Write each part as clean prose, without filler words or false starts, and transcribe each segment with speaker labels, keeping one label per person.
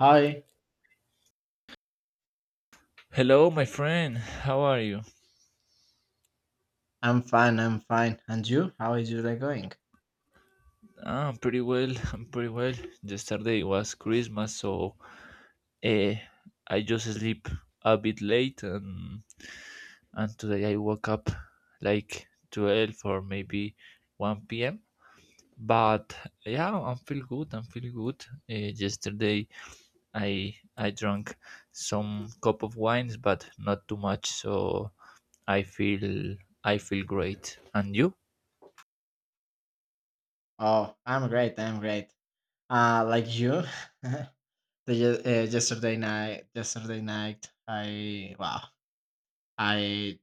Speaker 1: Hi,
Speaker 2: Hello, my friend. How are you?
Speaker 1: I'm fine, I'm fine. And you? How is your day going?
Speaker 2: Ah, I'm pretty well. I'm pretty well. Yesterday was Christmas, so eh, I just sleep a bit late, and today I woke up like 12 or maybe one p.m. But yeah, I feel good. I feel good. Eh, yesterday I drank some cup of wines, but not too much, so I feel I feel great. And you?
Speaker 1: Oh, I'm great, I'm great. Like you, the, yesterday night, I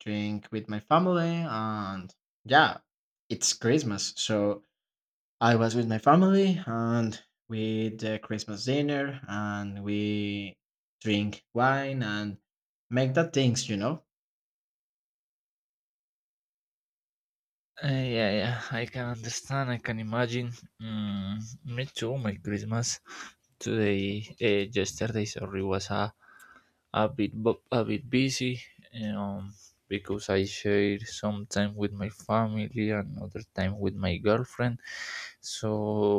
Speaker 1: drink with my family and yeah, it's Christmas. So I was with my family and we did the Christmas dinner and we drink wine and make that things, you know?
Speaker 2: Yeah, yeah, I can understand. I can imagine. Mm, me too. My Christmas today, yesterday, sorry, was a bit a bit busy. Um, because I shared some time with my family and other time with my girlfriend. So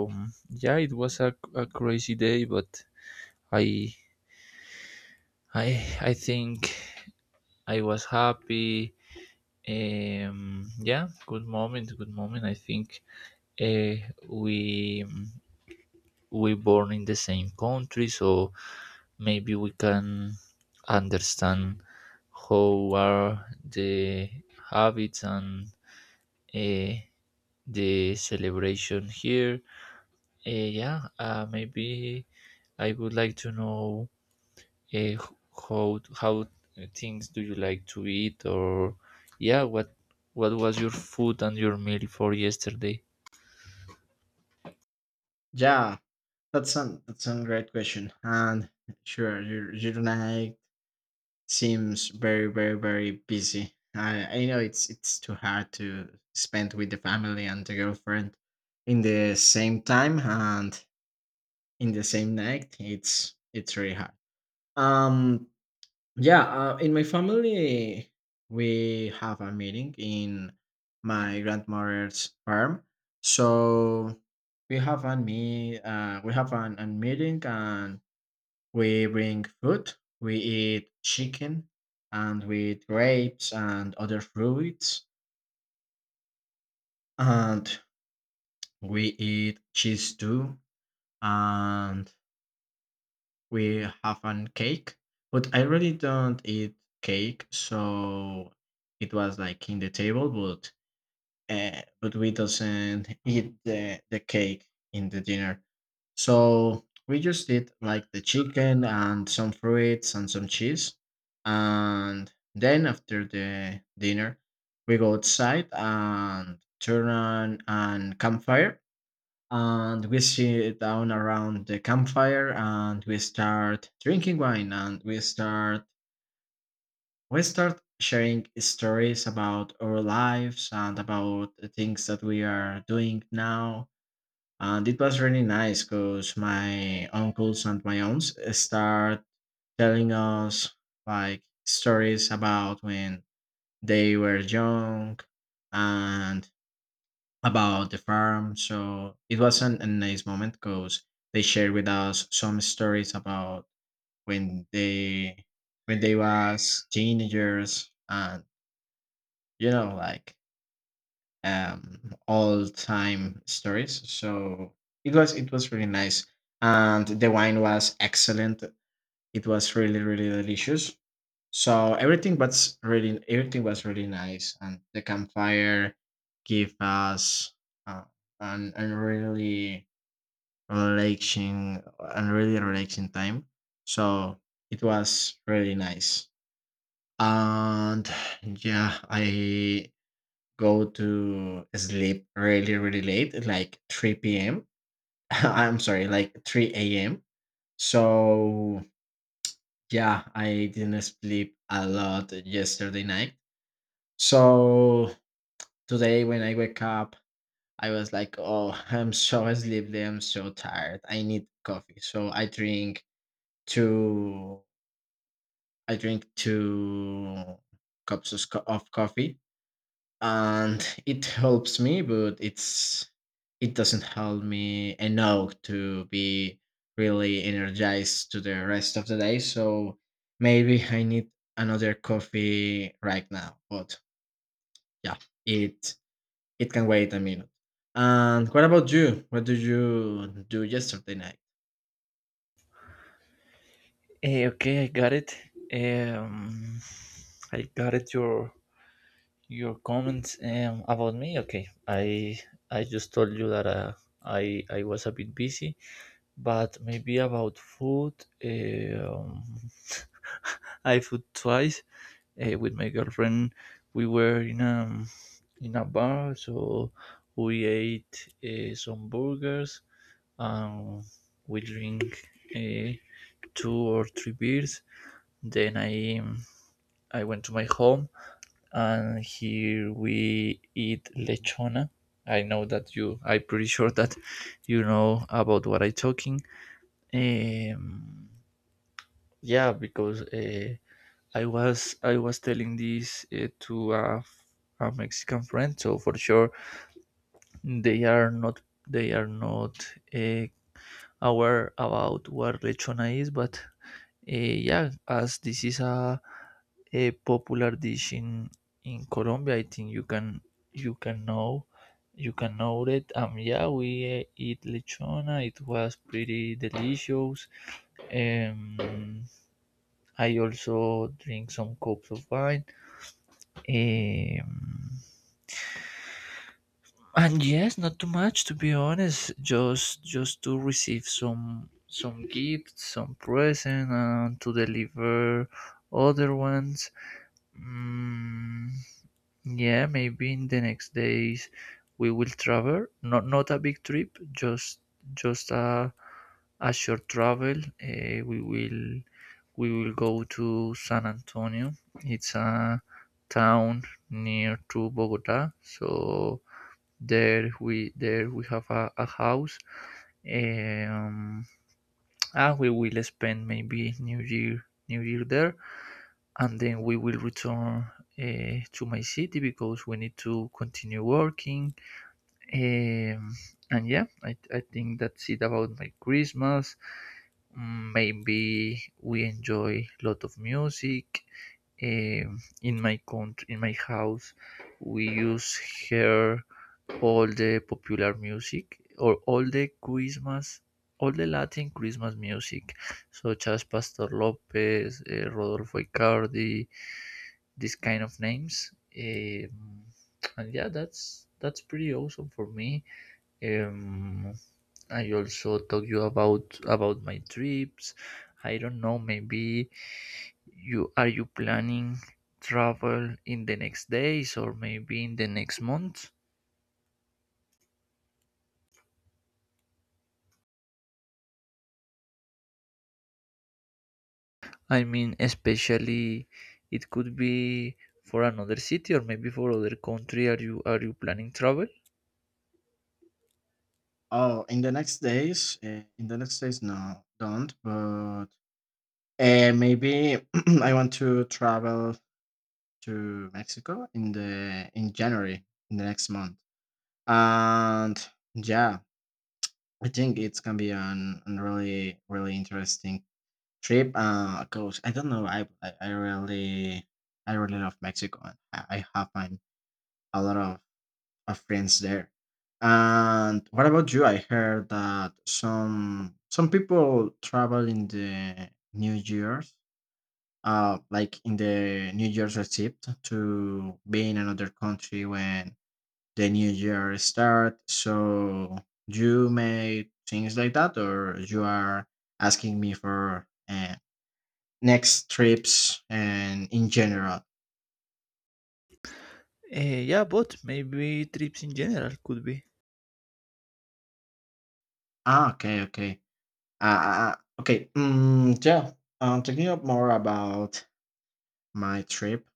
Speaker 2: yeah, it was a crazy day, but I I I think I was happy. Yeah, good moment, good moment. I think uh, we we born in the same country, so maybe we can understand how are the habits and uh, the celebration here. Yeah Maybe I would like to know uh, how things do you like to eat? Or yeah, what was your food and your meal for yesterday?
Speaker 1: Yeah, that's a great question, and sure, your night seems very busy. I know it's too hard to spend with the family and the girlfriend in the same time and in the same night. It's really hard. Um, yeah, in my family we have a meeting in my grandmother's farm, so we have an meeting and we bring food, we eat chicken, and we eat grapes and other fruits, and we eat cheese too, and we have an cake. But I really don't eat cake, so it was like in the table, but we doesn't eat the cake in the dinner. So we just did like the chicken and some fruits and some cheese. And then after the dinner, we go outside and turn on an campfire and we sit down around the campfire and we start drinking wine and we start sharing stories about our lives and about the things that we are doing now, and it was really nice because my uncles and my aunts start telling us like stories about when they were young and about the farm. So it was a nice moment because they shared with us some stories about when they when they was teenagers and you know, like all time stories. So it was really nice. And the wine was excellent. It was really, really delicious. So everything was really nice. And the campfire gave us uh, an really relaxing time. So it was really nice. And yeah, I go to sleep really, really late, like 3 p.m. I'm sorry, like 3 a.m. So, yeah, I didn't sleep a lot yesterday night. So, today when I wake up, I was like, oh, I'm so sleepy, I'm so tired. I need coffee. So, I drink two, I drink two cups of coffee, and it helps me, but it doesn't help me enough to be really energized to the rest of the day. So maybe I need another coffee right now, but yeah, it it can wait a minute. And what about you? What did you do yesterday night?
Speaker 2: Eh, okay, I got it. um I got it your. Your comments about me? Okay, I. I just told you that I was a bit busy, but maybe about food. Um, I food twice with my girlfriend. We were in a bar, so we ate some burgers. Um, we drink uh, two or three beers. Then I went to my home and here we eat lechona. I know that you. I'm pretty sure that you know about what I'm talking. Um, yeah, because I was telling this to a Mexican friend, so for sure they are not they are not uh, aware about what lechona is. But eh, yeah, as this is a popular dish in Colombia, I think you can you can know you can know it. Yeah, we eat lechona. It was pretty delicious. Um, I also drink some cups of wine. Um, and yes, not too much, to be honest. Just to receive some gifts, some present, and to deliver other ones. Mm, yeah, maybe in the next days we will travel. Not a big trip, just a short travel. Uh, we will we will go to San Antonio. It's a town near to Bogota. So there we have a house. Eh, Um, and we will spend maybe New Year there, and then we will return to my city because we need to continue working. Um, and yeah, I think that's it about my Christmas. Mm, maybe we enjoy a lot of music. In my country, in my house, we use here all the popular music, or all the Christmas, all the Latin Christmas music, such as Pastor Lopez, Rodolfo Icardi, this kind of names. Um, and yeah, that's pretty awesome for me. Um, I also talk you about my trips. I don't know. Maybe you planning travel in the next days or maybe in the next month. I mean, especially it could be for another city or maybe for other country. Are you planning travel?
Speaker 1: Oh, in the next days, in the next days, no, don't, but maybe I want to travel to Mexico in the in January, in the next month. And yeah, I think it's gonna be an really interesting trip. Cause I don't know, I really, I really love Mexico, and I have a lot of friends there. And what about you? I heard that some people travel in the New Year's, like in the New Year's receipt to be in another country when the new year start. So you made things like that, or you are asking me for next trips and in general.
Speaker 2: Uh, yeah, but maybe trips in general could be.
Speaker 1: Ah, okay, okay, uh, uh, uh, okay. Yeah, talking up more about my trip.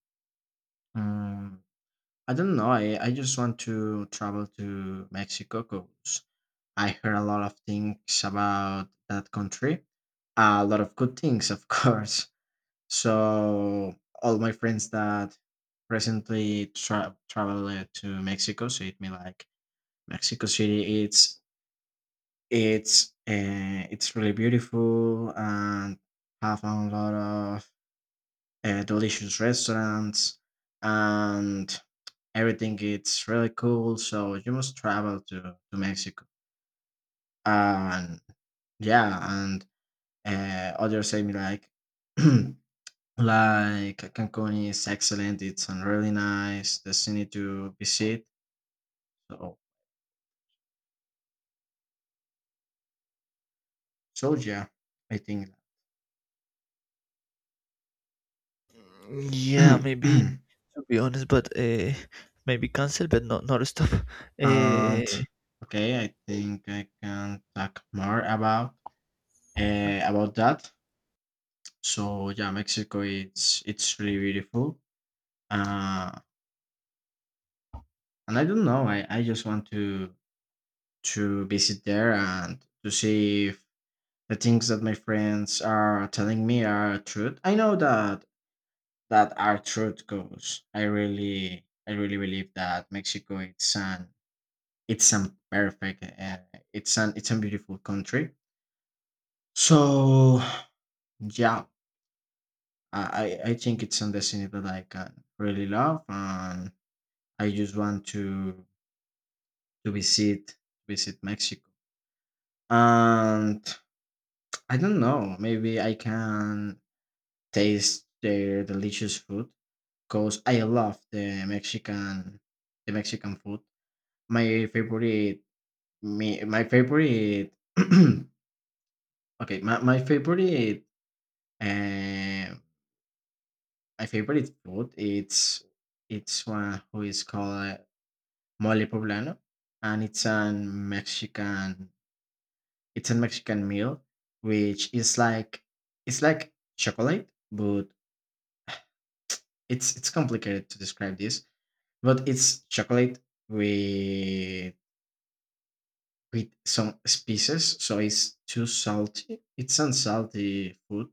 Speaker 1: Um, I don't know. I just want to travel to Mexico, 'cause I heard a lot of things about that country, a lot of good things, of course. So all my friends that traveled to Mexico said me like Mexico City. It's really beautiful and have a lot of delicious restaurants and everything. It's really cool. So you must travel to Mexico. And yeah and others say me like, like Cancun is excellent. It's a really nice destiny to visit. So, so yeah, I think.
Speaker 2: Yeah,
Speaker 1: and
Speaker 2: maybe to be honest, but maybe cancel, but not stop. Uh,
Speaker 1: okay, I think I can talk more about that. So yeah, Mexico, it's really beautiful. Uh, and I don't know. I just want to visit there and to see if the things that my friends are telling me are truth. I know that that are truth goes. I really believe that Mexico it's an perfect, it's an it's a beautiful country. So yeah, I think it's a destiny that I can really love, and I just want to to visit visit Mexico. And I don't know, maybe I can taste their delicious food, 'cause I love the Mexican, the Mexican food. My favorite my favorite okay, my favorite, eh, my favorite food, it's one who is called mole poblano, and it's an Mexican, it's a Mexican meal, which is like it's like chocolate, but it's complicated to describe this, but it's chocolate with with some spices, so it's too salty. It's unsalty food,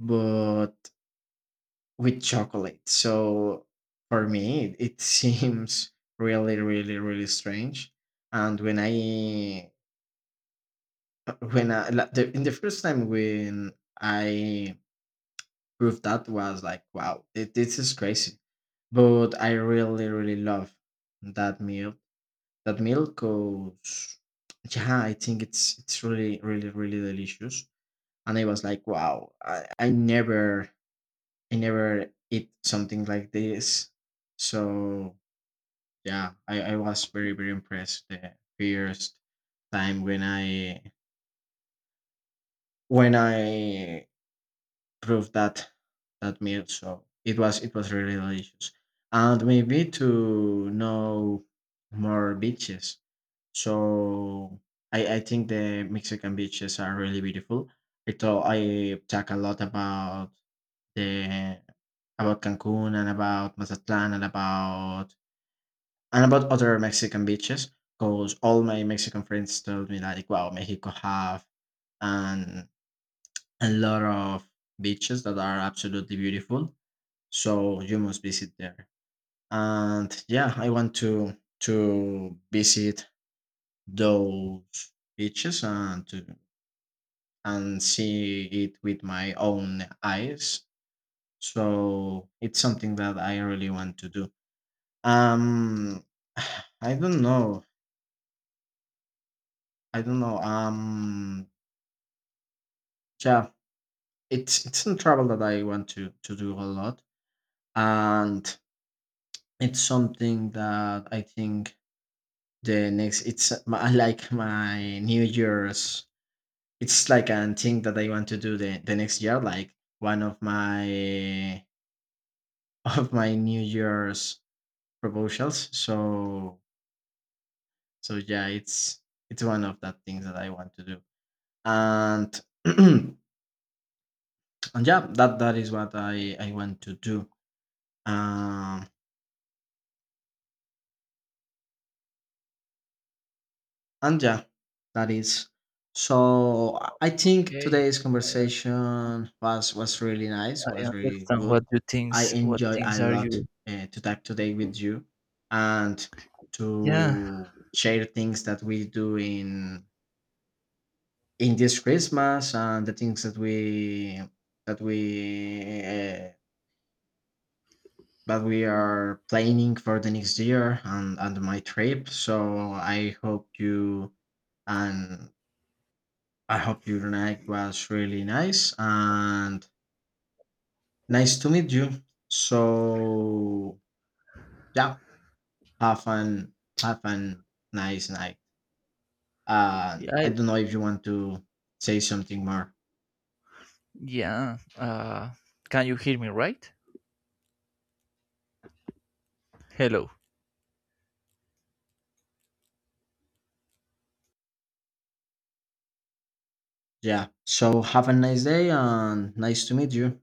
Speaker 1: but with chocolate. So for me, it seems really, really, really strange. And when I, la- the, in the first time when I proved that, was like, wow, this is crazy. But I really, really love that meal. That meal goes, yeah, I think it's really, really, really delicious. And I was like, wow, I never eat something like this. So yeah, I was very, very impressed the first time when I proved that that meal. So it was really delicious. And maybe to know more beaches. So I think the Mexican beaches are really beautiful. I thought I talk a lot about The about Cancun and about Mazatlan and about other Mexican beaches, because all my Mexican friends told me like, "Wow, Mexico have and a lot of beaches that are absolutely beautiful. So you must visit there." And yeah, I want to visit those beaches and to and see it with my own eyes. So it's something that I really want to do. Um, I don't know. I don't know. Yeah, it's a travel that I want to do a lot, and it's something that I think the next it's my, like my New Year's. It's like a thing that I want to do the next year, like one of my of my New Year's proposals. So so yeah, it's one of the things that I want to do, and. and yeah, that is what I want to do. um and yeah, that is. So I think
Speaker 2: okay,
Speaker 1: today's
Speaker 2: I, un-
Speaker 1: conversation was really nice,
Speaker 2: I
Speaker 1: was really
Speaker 2: understand
Speaker 1: good.
Speaker 2: what you
Speaker 1: I
Speaker 2: things. What
Speaker 1: enjoy a
Speaker 2: things are
Speaker 1: lot
Speaker 2: you?
Speaker 1: to talk today with you and
Speaker 2: Yeah,
Speaker 1: to share things that we do in this Christmas, and the things that that we uh, we are planning for the next year, and my trip. So I hope you, and I hope your night was really nice, and nice to meet you. So yeah, have an have an nice night.
Speaker 2: yeah,
Speaker 1: I
Speaker 2: I
Speaker 1: don't know if you want to say something more.
Speaker 2: Yeah. Can you hear me right? Hello.
Speaker 1: Yeah. So have a nice day and nice to meet you.